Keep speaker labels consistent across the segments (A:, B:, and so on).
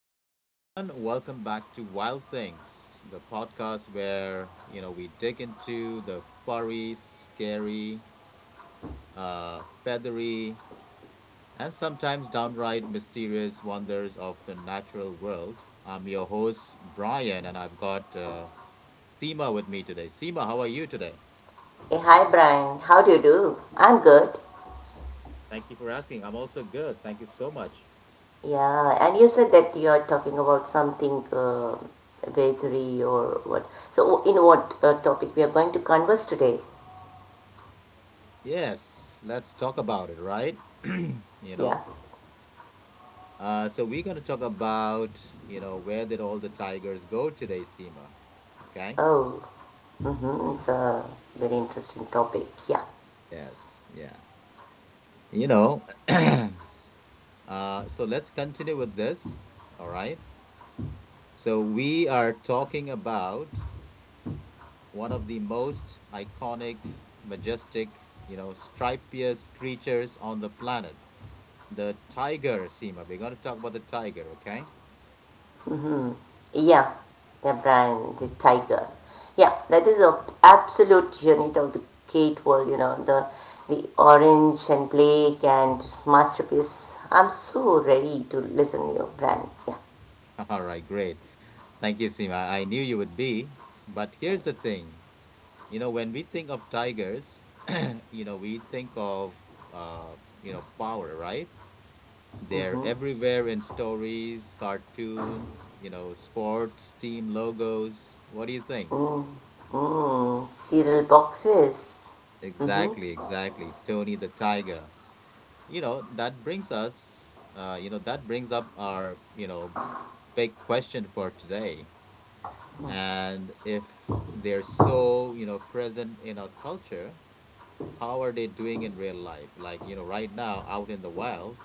A: Hello, everyone. Welcome back to Wild Things, the podcast where we dig into the furry, scary, feathery, and sometimes downright mysterious wonders of the natural world. I'm your host Brian, and I've got Seema with me today. Seema, how are you today?
B: Hey, hi Brian, how do you do? I'm good.
A: Thank you for asking. I'm also good. Thank you so much.
B: Yeah, and you said that you are talking about something bakery or what? So, in what topic we are going to converse today?
A: Yes, let's talk about it, right?
B: Yeah.
A: So we're going to talk about, where did all the tigers go today, Seema? Okay?
B: Oh, mm-hmm, it's a very interesting topic. Yeah.
A: Yes, yeah. You know, so let's continue with this. All right. So we are talking about one of the most iconic, majestic, you know, stripious creatures on the planet, the tiger, Seema. We're going to talk about the tiger, okay?
B: Mm-hmm. Yeah. Yeah, Brian, the tiger. Yeah, that is a absolute unit of the Kate world. You know, the orange and Blake and masterpiece. I'm so ready to listen, to you, Brian. Yeah.
A: All right, great. Thank you, Seema. I knew you would be. But here's the thing. You know, when we think of tigers, we think of, uh, you know, power, right? They're
B: Mhm.
A: everywhere in stories, cartoon, you know, sports team logos. What do you think?
B: Mm. Mm. Cereal boxes. Mhm.
A: Exactly, exactly. Tony the Tiger. You know, that brings us, that brings up our, big question for today. And if they're so, you know, present in our culture, how are they doing in real life? Like, you know, right now out in the wild,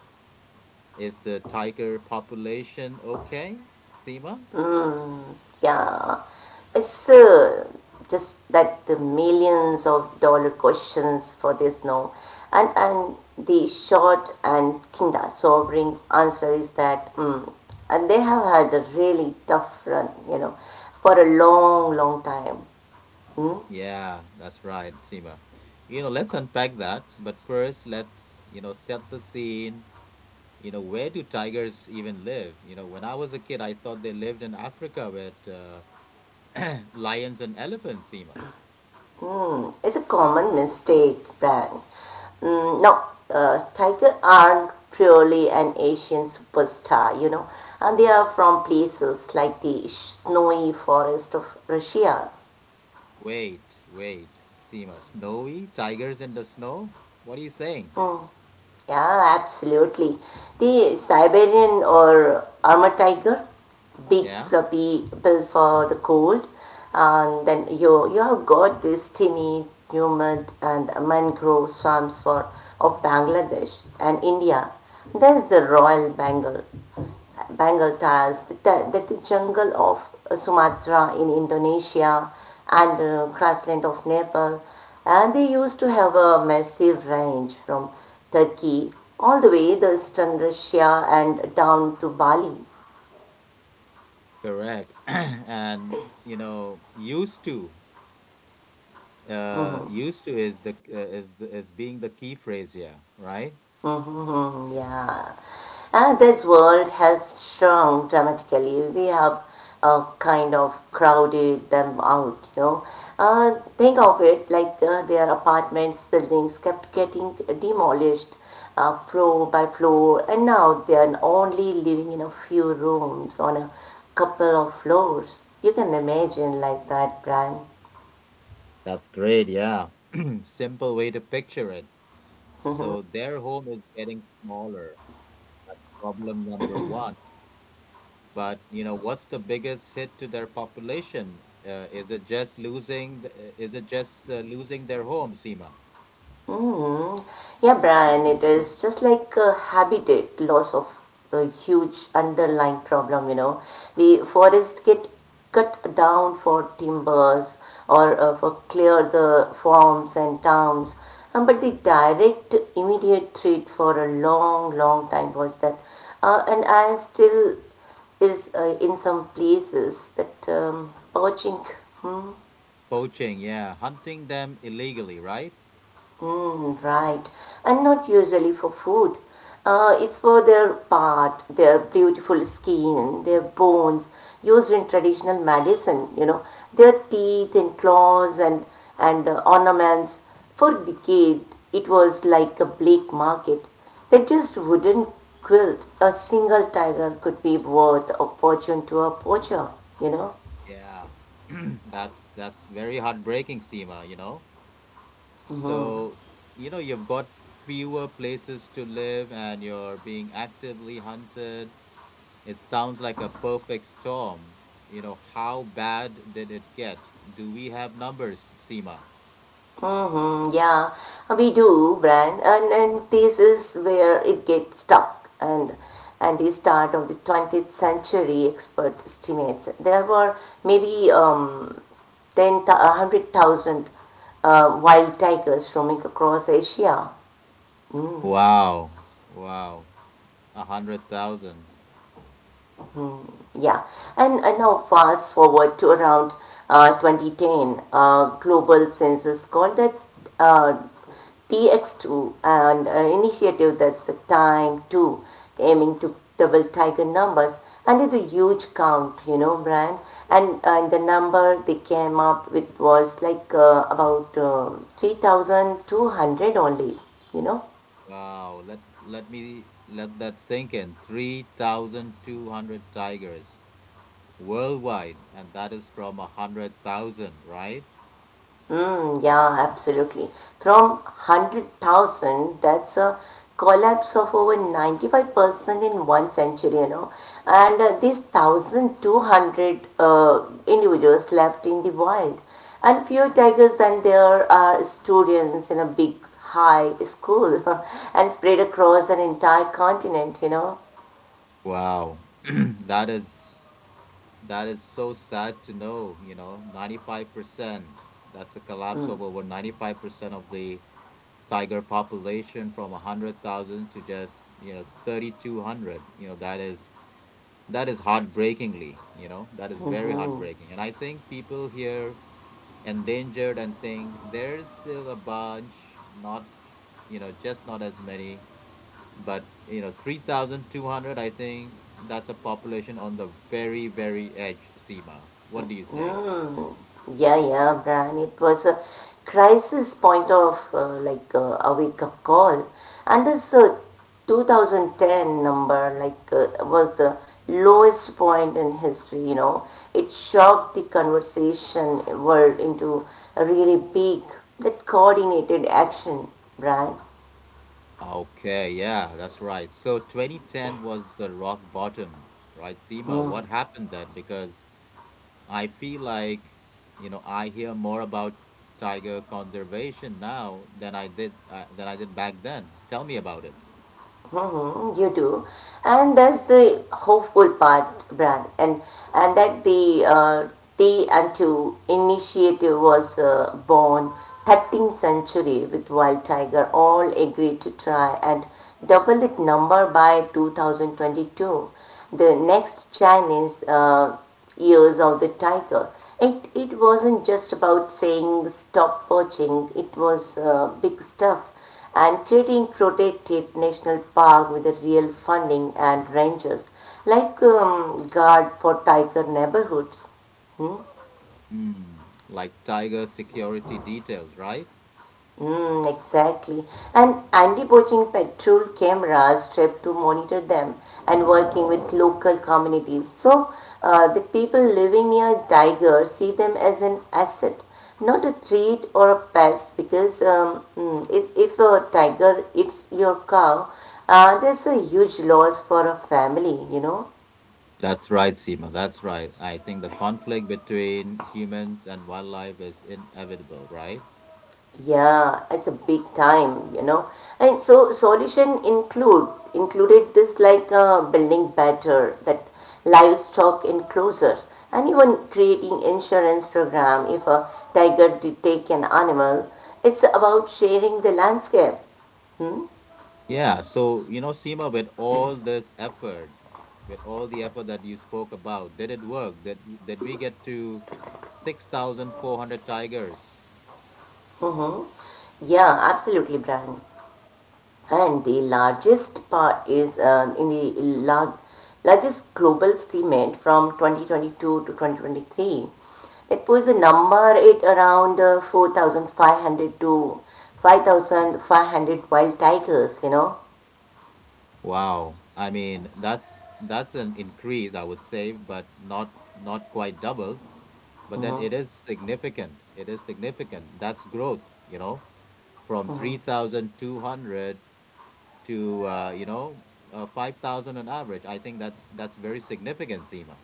A: is the tiger population okay, Seema?
B: Mm. Yeah. It's just that the millions of dollar questions for this now, and the short and kinda sobering answer is that and they have had a really tough run, you know, for a long, long time. Mm?
A: Yeah, that's right, Seema. You know, let's unpack that, but first let's, you know, set the scene. You know, where do tigers even live? You know, when I was a kid, I thought they lived in Africa with lions and elephants, Seema.
B: Mm, it's a common mistake, Brian. Mm, no, tiger aren't purely an Asian superstar, you know, and they are from places like the snowy forest of Russia.
A: Wait, wait, Seema. Snowy tigers in the snow? What are you saying?
B: Yeah, absolutely. The Siberian or armored tiger, big
A: Yeah?
B: floppy bill for the cold. And then you have got this tiny humid and mangrove swamps for of Bangladesh and India. There's the Royal Bengal, Bengal tiles, that, that the jungle of Sumatra in Indonesia and grassland of Nepal, and they used to have a massive range from Turkey all the way the eastern Russia and down to Bali.
A: Correct. And you know, used to,
B: Mhm.
A: used to is is being the key phrase here, right?
B: Mhm, yeah. And this world has shrunk dramatically. We have kind of crowded them out, you know. Think of it like their apartments, buildings kept getting demolished floor by floor, and now they are only living in a few rooms on a couple of floors. You can imagine like that, Brian.
A: That's great. Yeah, simple way to picture it.
B: Hmm.
A: So their home is getting smaller. Problem number one. But you know, what's the biggest hit to their population? Is it just losing their home, Seema?
B: Mm. Yeah, Brian, it is just like a habitat loss of a huge underlying problem, you know. The forests get cut down for timbers or for clear the farms and towns. But the direct immediate threat for a long, long time was that, and I still is in some places that poaching.
A: Poaching, yeah, hunting them illegally, right?
B: Mm, right. And not usually for food. It's for their part, their beautiful skin, their bones, used in traditional medicine, you know, their teeth and claws and ornaments. For decades, it was like a black market. They just wouldn't quilt. A single tiger could be worth a fortune to a poacher, you know.
A: Yeah, that's very heartbreaking, Seema, you know. So, you know, you've got fewer places to live and you're being actively hunted. It sounds like a perfect storm. You know, how bad did it get? Do we have numbers, Seema?
B: Mm-hmm, yeah, we do, Brian, and this is where it gets stuck. And the start of the 20th century, expert estimates there were maybe 100,000 wild tigers roaming across Asia.
A: Wow. Wow. 100,000.
B: Mm. Yeah, and now fast forward to around 2010, global census called that uh, TX2, an initiative that's the time to aiming to double tiger numbers, and it's a huge count, you know, Brian. And the number they came up with was like about 3,200 only, you know.
A: Wow. Let me let that sink in. 3,200 tigers worldwide, and that is from 100,000, right?
B: Mm, yeah, absolutely. From 100,000, that's a collapse of over 95% in one century, you know. And these 1,200 individuals left in the wild. And fewer tigers than there are students in a big high school and spread across an entire continent, you know.
A: Wow, that is so sad to know. You know, 95%. That's a collapse of over 95% of the tiger population from 100,000 to just, you know, 3,200. You know that is heartbreakingly. You know that is very
B: Mm-hmm.
A: heartbreaking, and I think people here endangered and think there's still a bunch, not, you know, just not as many, but you know 3200. I think that's a population on the very, very edge, Seema. What do you say?
B: Mm. Yeah, yeah, Brian. It was a crisis point of like a wake up call. And this 2010 number like was the lowest point in history, you know. It shocked the conversation world into a really big, that coordinated action, Brian.
A: Okay, yeah, that's right, so 2010 was the rock bottom, right, Seema. What happened then? Because I feel like, you know, I hear more about tiger conservation now than I did than I did back then. Tell me about it.
B: Mm-hmm, you do, and that's the hopeful part, Bran, and that the Tea and Two initiative was born 13th century with Wild Tiger. All agreed to try and double its number by 2022. The next Chinese years of the tiger. It wasn't just about saying stop poaching, it was big stuff and creating protected national park with a real funding and rangers like guard for tiger neighborhoods. Hmm?
A: Hmm, like tiger security details, right?
B: Mm, exactly. And anti-poaching patrol cameras stripped to monitor them and working with local communities. So the people living near tiger see them as an asset, not a treat or a pest because if a tiger eats your cow, there's a huge loss for a family, you know.
A: That's right, Seema. That's right. I think the conflict between humans and wildlife is inevitable, right?
B: Yeah, it's a big time, you know. And so solution included this like building better that livestock enclosures and even creating insurance program if a tiger did take an animal. It's about sharing the landscape. Hmm?
A: Yeah. So, you know, Seema, with all this effort, with all the effort that you spoke about, did it work? Did we get to 6,400 tigers?
B: Mm-hmm. Yeah, absolutely, Brian. And the largest part is in the largest global estimate from 2022 to 2023. It was a number it around 4,500 to 5,500 wild tigers, you know.
A: Wow. I mean, that's an increase, I would say, but not, not quite double. But then it
B: Mm-hmm.
A: is significant. It is significant. That's growth, you know, from 3,200 to 5,000 on average. I think that's very significant, Seema.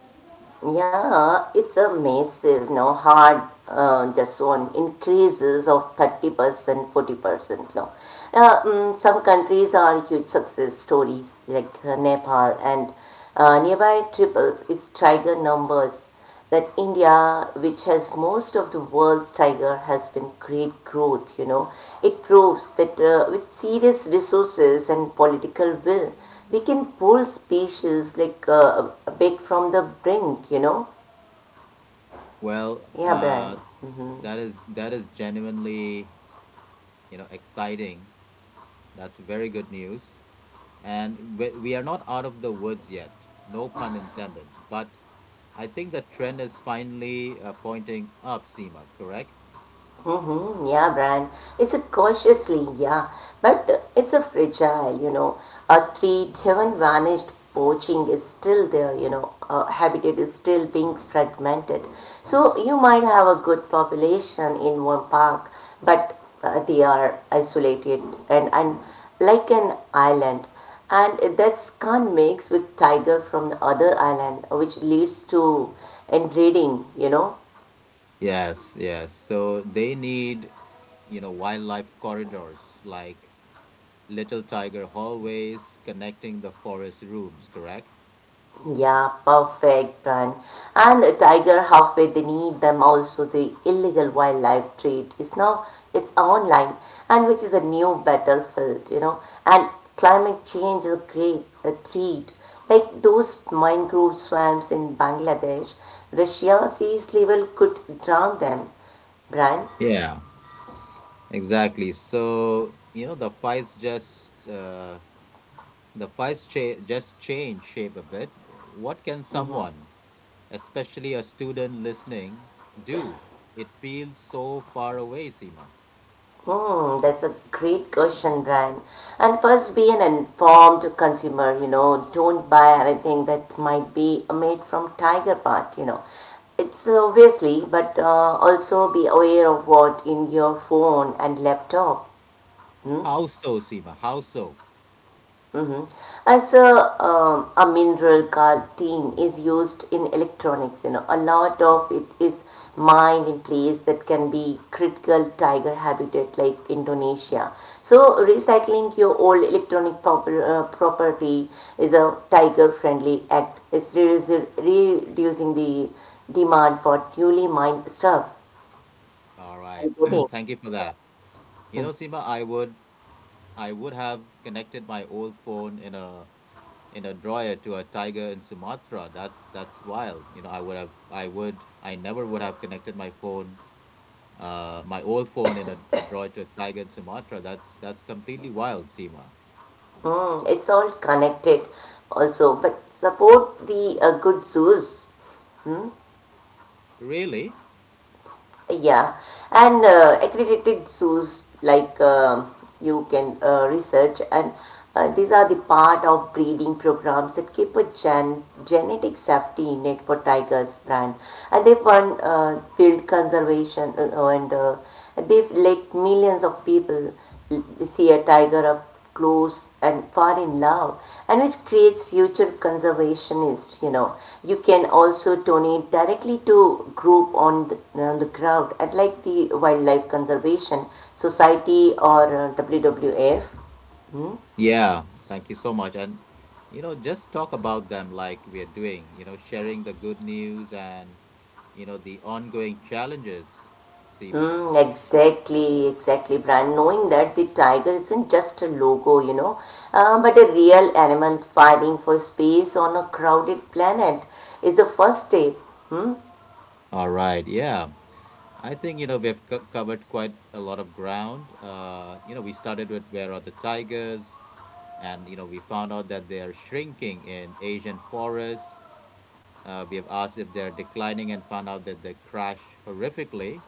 B: Yeah, it's a massive, you know, hard, just one increases of 30%, 40%, no. Some countries are huge success stories like Nepal and nearby triple its tiger numbers that India, which has most of the world's tiger, has been great growth, you know. It proves that with serious resources and political will, we can pull species like a bit from the brink, you know.
A: well
B: Yeah, Brian.
A: uh,
B: Mm-hmm.
A: that is genuinely, you know, exciting. That's very good news. And we are not out of the woods yet, no pun intended, but I think the trend is finally pointing up, Seema, correct?
B: Mm-hmm, yeah, Brian. It's a cautiously, yeah, but it's a fragile, you know. A tree haven't vanished, poaching is still there, you know. Habitat is still being fragmented. So you might have a good population in one park, but they are isolated and like an island. And that's can't mix with tiger from the other island, which leads to inbreeding, you know.
A: Yes, yes, so they need, you know, wildlife corridors, like little tiger hallways connecting the forest rooms, correct?
B: Yeah, perfect, Brian. And a tiger halfway, they need them also. The illegal wildlife trade is now it's online, and which is a new battlefield, you know. And climate change is a great a threat. Like those mangrove swamps in Bangladesh, Russia seas level could drown them. Brian.
A: Yeah, exactly. So, you know, the fights just change shape a bit. What can someone, especially a student listening, do? It feels so far away, Seema.
B: Hmm, that's a great question, Brian. And first, be an informed consumer. You know, don't buy anything that might be made from tiger part. You know, it's obviously, but also be aware of what in your phone and laptop. Hmm?
A: How so, Seema? How so?
B: Mhm. As a mineral calcine is used in electronics, you know, a lot of it is mined in place that can be critical tiger habitat like Indonesia. So recycling your old electronic proper, property is a tiger-friendly act. It's reducing the demand for newly mined stuff.
A: All
B: I
A: right.
B: think
A: Thank you for that. You know, Seema, I would have connected my old phone in a, in a dryer to a tiger in Sumatra. That's wild. I never would have connected my phone, my old phone in a drawer to a tiger in Sumatra. That's completely wild, Seema.
B: it's all connected also, but support the good zoos.
A: Really?
B: Yeah, and accredited zoos like you can research, and these are the part of breeding programs that keep a genetic safety net for tigers brand, and they fund field conservation, and they've let millions of people l- see a tiger up close and far in love, and which creates future conservationists, you know. You can also donate directly to group on the ground at like the wildlife conservation society or WWF.
A: Yeah. Thank you so much. And you know, just talk about them like we are doing. You know, sharing the good news and you know the ongoing challenges, Seema.
B: Mm, exactly, exactly, Brian. Knowing that the tiger isn't just a logo, you know, but a real animal fighting for space on a crowded planet is the first step. Hmm.
A: All right. Yeah. I think, you know, we've covered quite a lot of ground. You know, we started with where are the tigers, and, you know, we found out that they are shrinking in Asian forests. We have asked if they're declining and found out that they crash horrifically,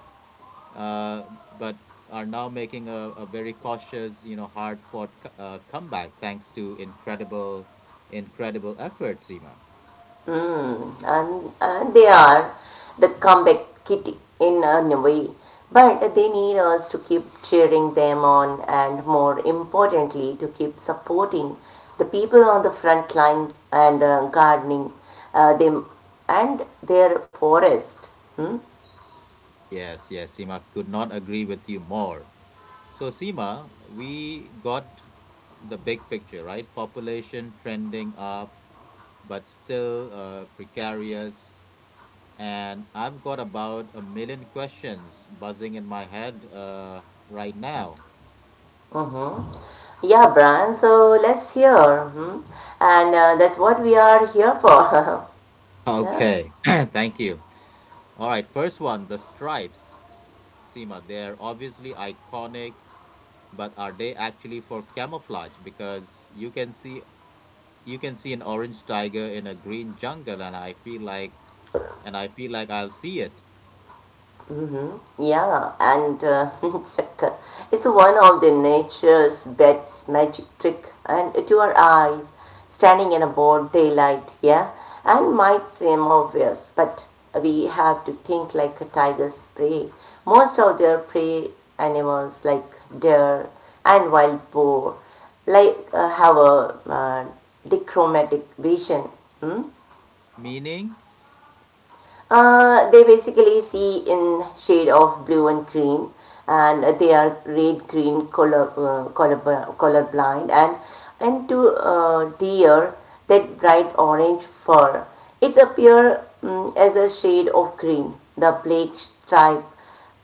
A: uh, but are now making a very cautious, you know, hard fought comeback thanks to incredible, incredible effort, Seema.
B: Mm, and they are the comeback kitty in a way, but they need us to keep cheering them on and more importantly to keep supporting the people on the front line and gardening them and their forest. Hmm?
A: Yes, yes, Seema, could not agree with you more. So, Seema, we got the big picture, right? Population trending up, but still precarious. And I've got about a million questions buzzing in my head right now.
B: Mm-hmm. Yeah, Brian, so let's hear. Hmm? And that's what we are here for. Yeah.
A: Okay, thank you. All right, first one, the stripes. Seema, they're obviously iconic, but are they actually for camouflage? Because you can see, an orange tiger in a green jungle, and I feel like, I'll see it.
B: Hmm. Yeah, and it's one of the nature's best magic trick. And it- to our eyes, standing in a broad daylight, yeah, and might seem obvious, but we have to think like a tiger's prey. Most of their prey animals, like deer and wild boar, like have a uh, dichromatic vision. Hmm?
A: Meaning,
B: They basically see in shade of blue and green, and they are red green color blind, and to deer that bright orange fur. It appears as a shade of green. The black stripe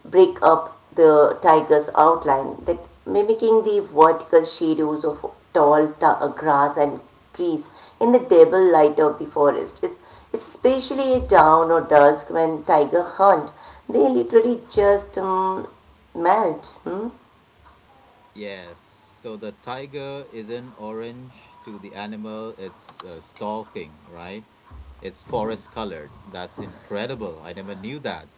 B: break up the tiger's outline, that mimicking the vertical shadows of tall grass and trees in the double light of the forest. It's especially at dawn or dusk when tiger hunt, they literally just melt. Hmm?
A: yes. So the tiger isn't orange to the animal it's stalking, right? It's forest colored. That's incredible. I never knew that.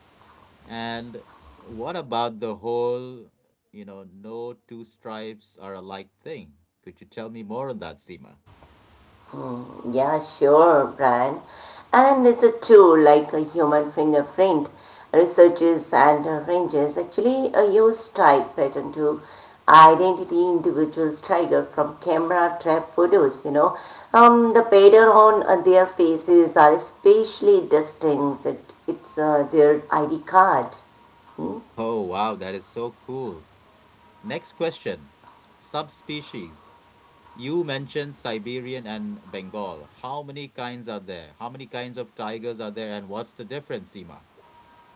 A: And what about the whole, you know, no two stripes are alike thing? Could you tell me more on that, Seema?
B: Yeah, sure, Brian. And it's a tool like a human fingerprint. Researchers and rangers actually use type pattern to identity individuals tiger from camera trap photos, you know. The pattern on their faces are especially distinct. It's their ID card.
A: Oh, wow, that is so cool. Next question, subspecies. You mentioned Siberian and Bengal. How many kinds of tigers are there, and what's the difference, Seema?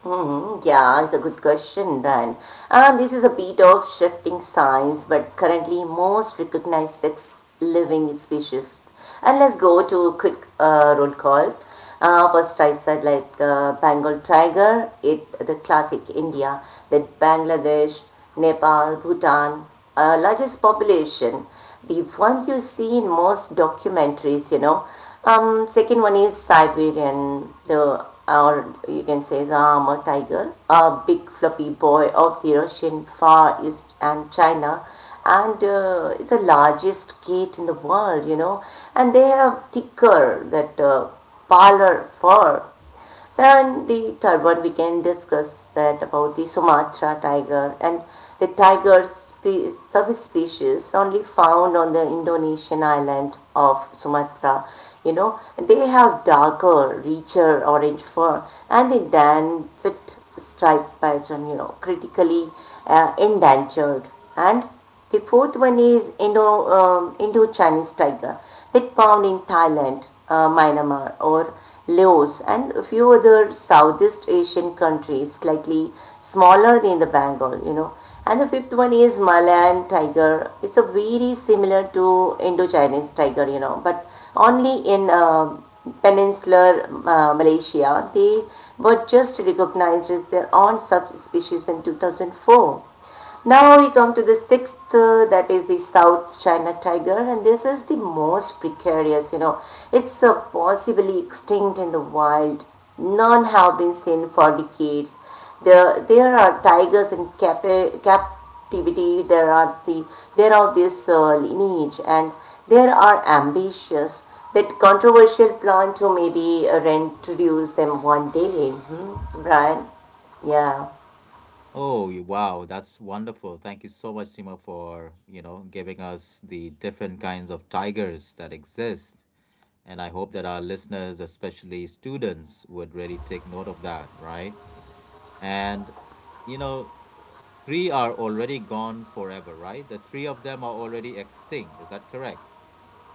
B: Hmm, yeah, it's a good question, Brian. This is a bit of shifting science, but currently most recognized six living species. And let's go to a quick roll call. First, I said like Bengal tiger, it the classic India, then Bangladesh, Nepal, Bhutan, largest population. The one you see in most documentaries, you know. Second one is Siberian, the or you can say the armor tiger, a big fluffy boy of the Russian Far East and China, and it's the largest cat in the world, you know. And they have thicker that parlor fur then the third one we can discuss that about the Sumatra tiger and the tiger subspecies only found on the Indonesian island of Sumatra. You know, they have darker, richer orange fur and the dancet striped python, you know, critically endangered. And the fourth one is Indo-Chinese tiger that found in Thailand, Myanmar or Laos and a few other Southeast Asian countries slightly smaller than the Bengal, you know. And the fifth one is Malayan tiger. It's a very similar to Indo-Chinese tiger, you know, but only in peninsular Malaysia, they were just recognized as their own subspecies in 2004. Now we come to the sixth, that is the South China tiger, and this is the most precarious, you know. It's possibly extinct in the wild. None have been seen for decades. There are tigers in Cap- activity, there are this lineage, and there are ambitious that controversial plan to maybe reintroduce them one day, hmm, Brian. Yeah.
A: Oh, wow, that's wonderful. Thank you so much, Seema, for, you know, giving us the different kinds of tigers that exist. And I hope that our listeners, especially students, would really take note of that, right? And, you know, three are already gone forever, right? The three of them are already extinct. Is that correct?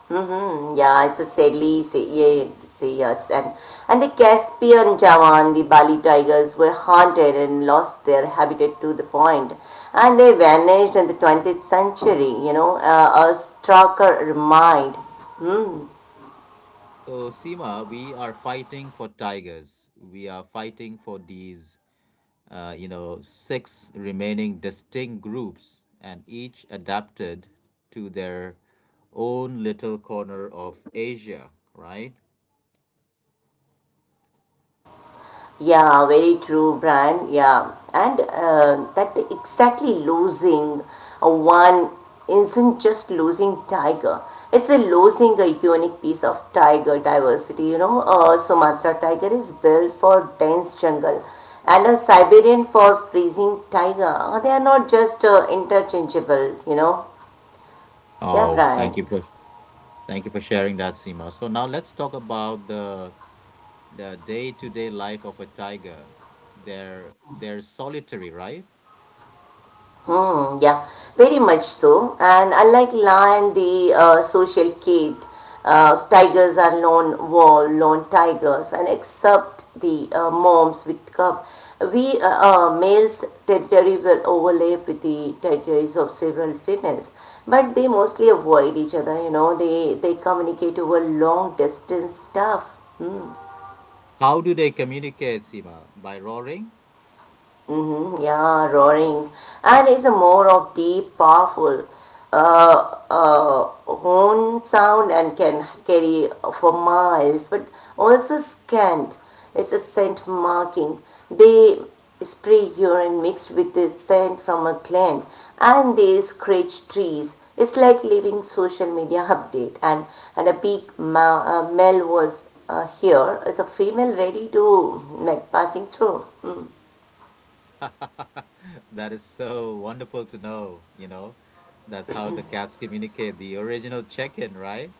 B: Mm-hmm. Yeah, it's a sadly, say, yeah, say yes. And the Caspian Javan, the Bali tigers were hunted and lost their habitat to the point. And they vanished in the 20th century, you know, a starker remind. Hmm.
A: So, Seema, we are fighting for tigers. We are fighting for these, you know, six remaining distinct groups, and each adapted to their own little corner of Asia, right?
B: Yeah, very true, Brian. Yeah, and that exactly losing a one isn't just losing tiger. It's a losing a unique piece of tiger diversity. You know, Sumatra tiger is built for dense jungle, and a Siberian for freezing tiger. They are not just interchangeable. You know. Yeah,
A: Oh,
B: Brian.
A: thank you for Thank you for sharing that, Seema. So now let's talk about the day-to-day life of a tiger. They're solitary, right?
B: Hmm, yeah, very much so. And unlike lion, the social cat, tigers are lone wolf, lone tigers, and except the moms with cub, we males territory will overlap with the territories of several females, but they mostly avoid each other. You know, they communicate over long distance stuff.
A: How do they communicate, Seema? By roaring?
B: Mm-hmm, yeah, roaring. And it's a more of deep, powerful uh, uh, horn sound and can carry for miles, but also scant. It's a scent marking. They spray urine mixed with the scent from a gland and they scratch trees. It's like leaving social media update. And a big male was here. It's a female ready to like passing through. Mm.
A: That is so wonderful to know, you know. That's how the cats communicate, the original check-in, right?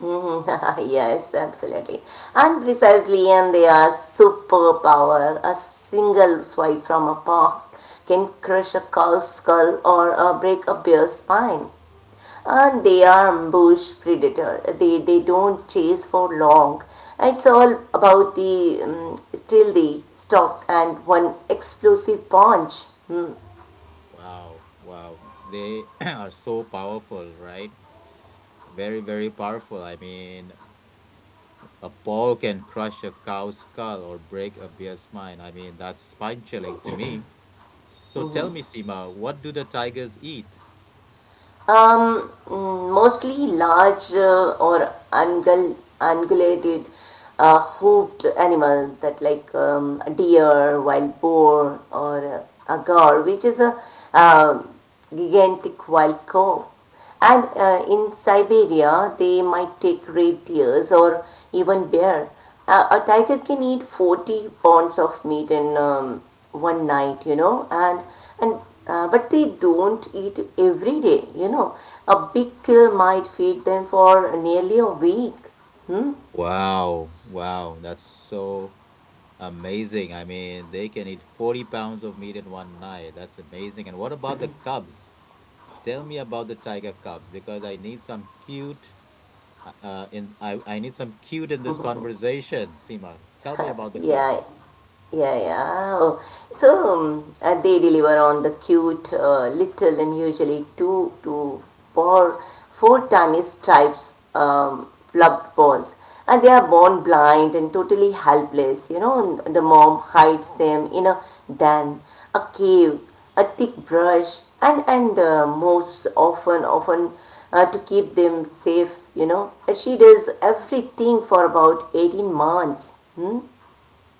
B: Mhm. Yes, absolutely. And precisely, and they are superpower. A single swipe from a paw can crush a cow's skull or break a bear's spine. And they are ambush predator. They don't chase for long. It's all about the still the stock and one explosive punch. Hmm.
A: Wow, wow. They are so powerful, right? Very, very powerful. I mean, a paw can crush a cow's skull or break a bear's spine. I mean, that's spine-chilling to me. So tell me, Seema, what do the tigers eat?
B: Mostly large or ungulated, hoofed animal that like a deer, wild boar, or a gaur, which is a um gigantic wild cow. And in Siberia, they might take red or even bear. A tiger can eat 40 pounds of meat in one night, you know, and and but they don't eat every day, you know. A big kill might feed them for nearly a week. Hmm?
A: Wow, wow, that's so amazing. I mean, they can eat 40 pounds of meat in one night. That's amazing. And what about the cubs? Tell me about the tiger cubs because I need some cute, in I need some cute in this conversation, Seema. Tell me about the
B: Yeah,
A: cubs.
B: yeah, yeah. Oh, so they deliver on the cute, little, and usually four, four tiny stripes, fluffed balls, and they are born blind and totally helpless. You know, and the mom hides them in a den, a cave, a thick brush, and most often to keep them safe. You know, she does everything for about 18 months. Hmm?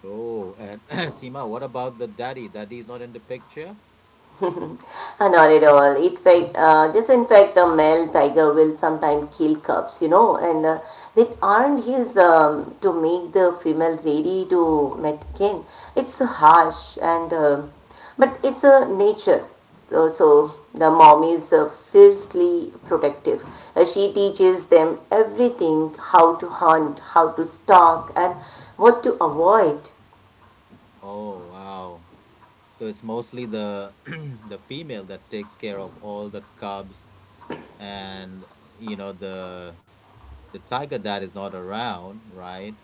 A: Oh, and Seema, what about the daddy? Daddy's not in the picture?
B: Not at all. In fact, the male tiger will sometimes kill cubs, you know, and they aren't his to make the female ready to mate again. It's harsh and but it's a nature. So the mom is fiercely protective. She teaches them everything: how to hunt, how to stalk, and what to avoid.
A: Oh, wow. So it's mostly the the female that takes care of all the cubs and you know the tiger dad is not around, right?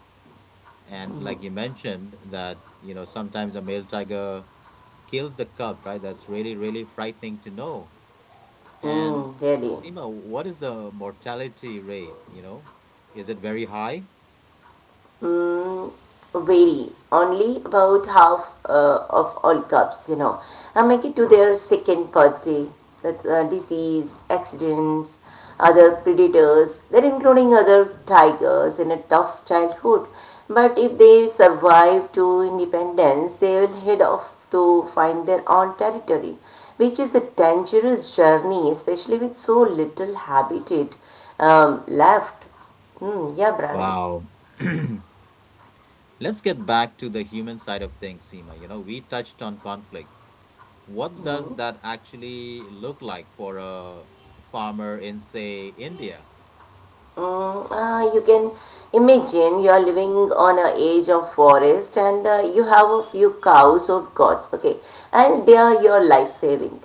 A: And like you mentioned, that, you know, sometimes a male tiger kills the cub, right? That's really, really frightening to know. And
B: Mm, really.
A: Seema, what is the mortality rate? You know, is it very high?
B: Mm, vary only about half of all cups, you know, I make it to their second party that disease accidents other predators they are including other tigers in a tough childhood, but if they survive to independence they will head off to find their own territory, which is a dangerous journey, especially with so little habitat left. Hmm, yeah, Brian.
A: Wow. Let's get back to the human side of things, Seema. You know, we touched on conflict. What does that actually look like for a farmer in, say, India?
B: You can imagine you are living on a edge of forest and you have a few cows or goats, okay, and they are your life saving.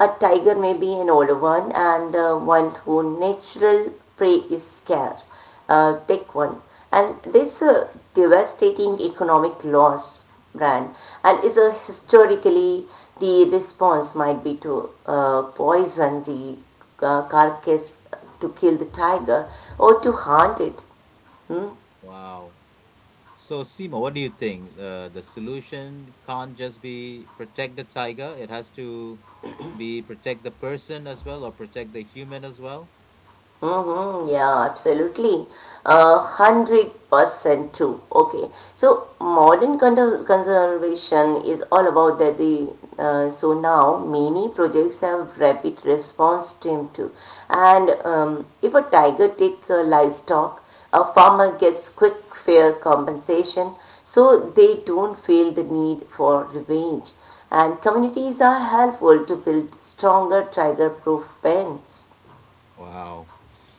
B: A tiger may be an old one and one who natural prey is scarce take one. And this devastating economic loss, brand, and is a historically the response might be to poison the carcass to kill the tiger or to hunt it.
A: Wow. So, Simo, what do you think? The solution can't just be protect the tiger. It has to be protect the person as well, or protect the human as well.
B: Mm-hmm, yeah, absolutely. 100% true. Okay. So modern conservation is all about that the so now many projects have rapid response team too. And if a tiger take livestock, a farmer gets quick fair compensation, so they don't feel the need for revenge. And communities are helpful to build stronger tiger proof pens.
A: Wow.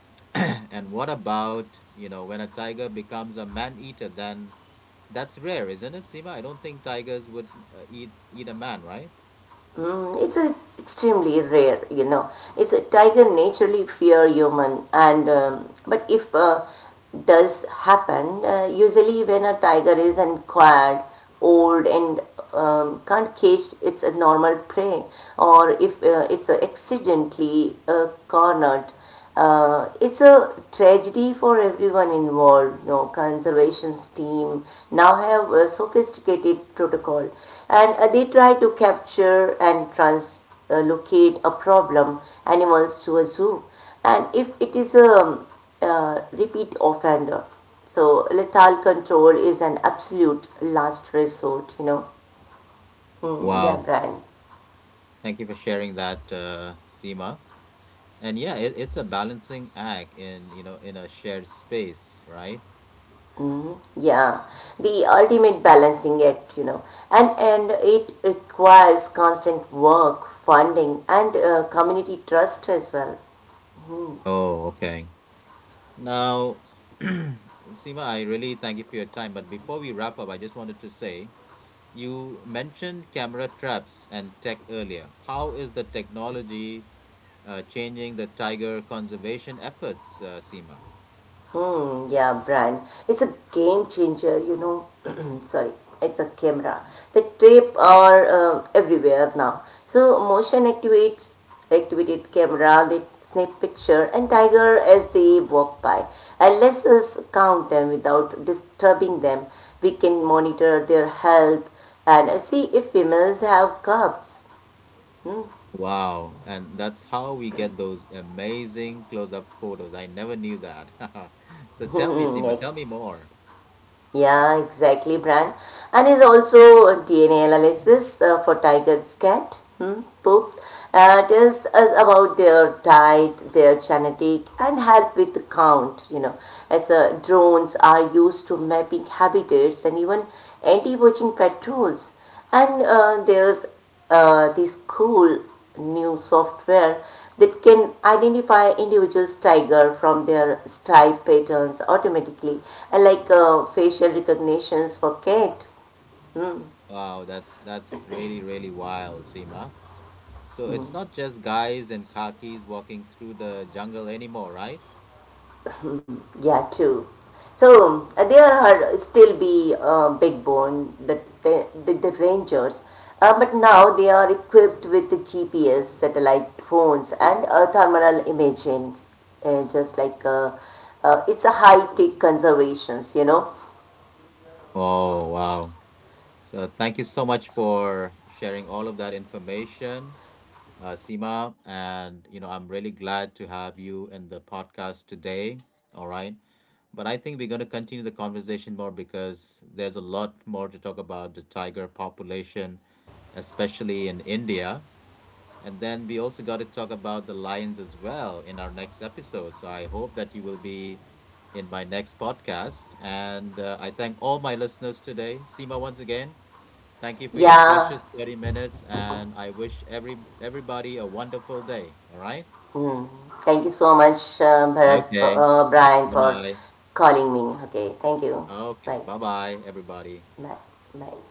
A: And what about, you know, when a tiger becomes a man-eater, then that's rare, isn't it, Sima? I don't think tigers would eat a man, right?
B: Mm, it's a extremely rare, you know. It's a tiger naturally fear human, and but if does happen, usually when a tiger is unquiet, old, and can't cage its a normal prey, or if it's accidentally cornered, it's a tragedy for everyone involved. You know, conservation's team now have a sophisticated protocol, and they try to capture and translocate a problem animals to a zoo, and if it is a repeat offender. So lethal control is an absolute last resort. You know. Hmm, yeah,
A: Wow.
B: Brian.
A: Thank you for sharing that, Seema. And yeah, it's a balancing act in, you know, in a shared space, right?
B: Mm, yeah, the ultimate balancing act, you know, and it requires constant work, funding, and community trust as well.
A: Oh, okay. Now, Seema, I really thank you for your time. But before we wrap up, I just wanted to say you mentioned camera traps and tech earlier. How is the technology changing the tiger conservation efforts, Seema?
B: Hmm, yeah, brand. It's a game changer, you know. Sorry, it's a camera. The tape are everywhere now. So motion activates activated camera. They snap picture and tiger as they walk by. And let us count them without disturbing them. We can monitor their health and see if females have cubs.
A: Wow, and that's how we get those amazing close up photos. I never knew that. So tell me, Seema,
B: Like.
A: tell me more.
B: Yeah, exactly, Brian. And is also a DNA analysis for tiger's cat, hmm, poop, tells us about their diet, their genetic, and help with the count, you know, as drones are used to mapping habitats and even anti-poaching patrols. And there's this cool new software that can identify individuals tiger from their stripe patterns automatically, and like facial recognitions for cat.
A: Wow, that's really, really wild, Seema. So it's not just guys in khakis walking through the jungle anymore, right?
B: Mm, yeah, true. So there are still be big bone the rangers, but now they are equipped with the GPS, satellite phones, and thermal imaging. Just like it's a high tech conservations, you know.
A: Oh, wow. So thank you so much for sharing all of that information, Seema. And, you know, I'm really glad to have you in the podcast today. All right. But I think we're going to continue the conversation more because there's a lot more to talk about the tiger population, especially in India. And then we also got to talk about the Lions as well in our next episode. So I hope that you will be in my next podcast. And I thank all my listeners today. Seema, once again, thank you for your
B: Yeah.
A: precious 30 minutes. And I wish everybody a wonderful day. All right.
B: Mm. Thank you so much, Bharat, for,
A: Okay.
B: Brian,
A: Bye
B: for
A: bye.
B: calling me. Okay. Thank you.
A: Okay.
B: Bye.
A: Bye bye, everybody.
B: Bye. Bye.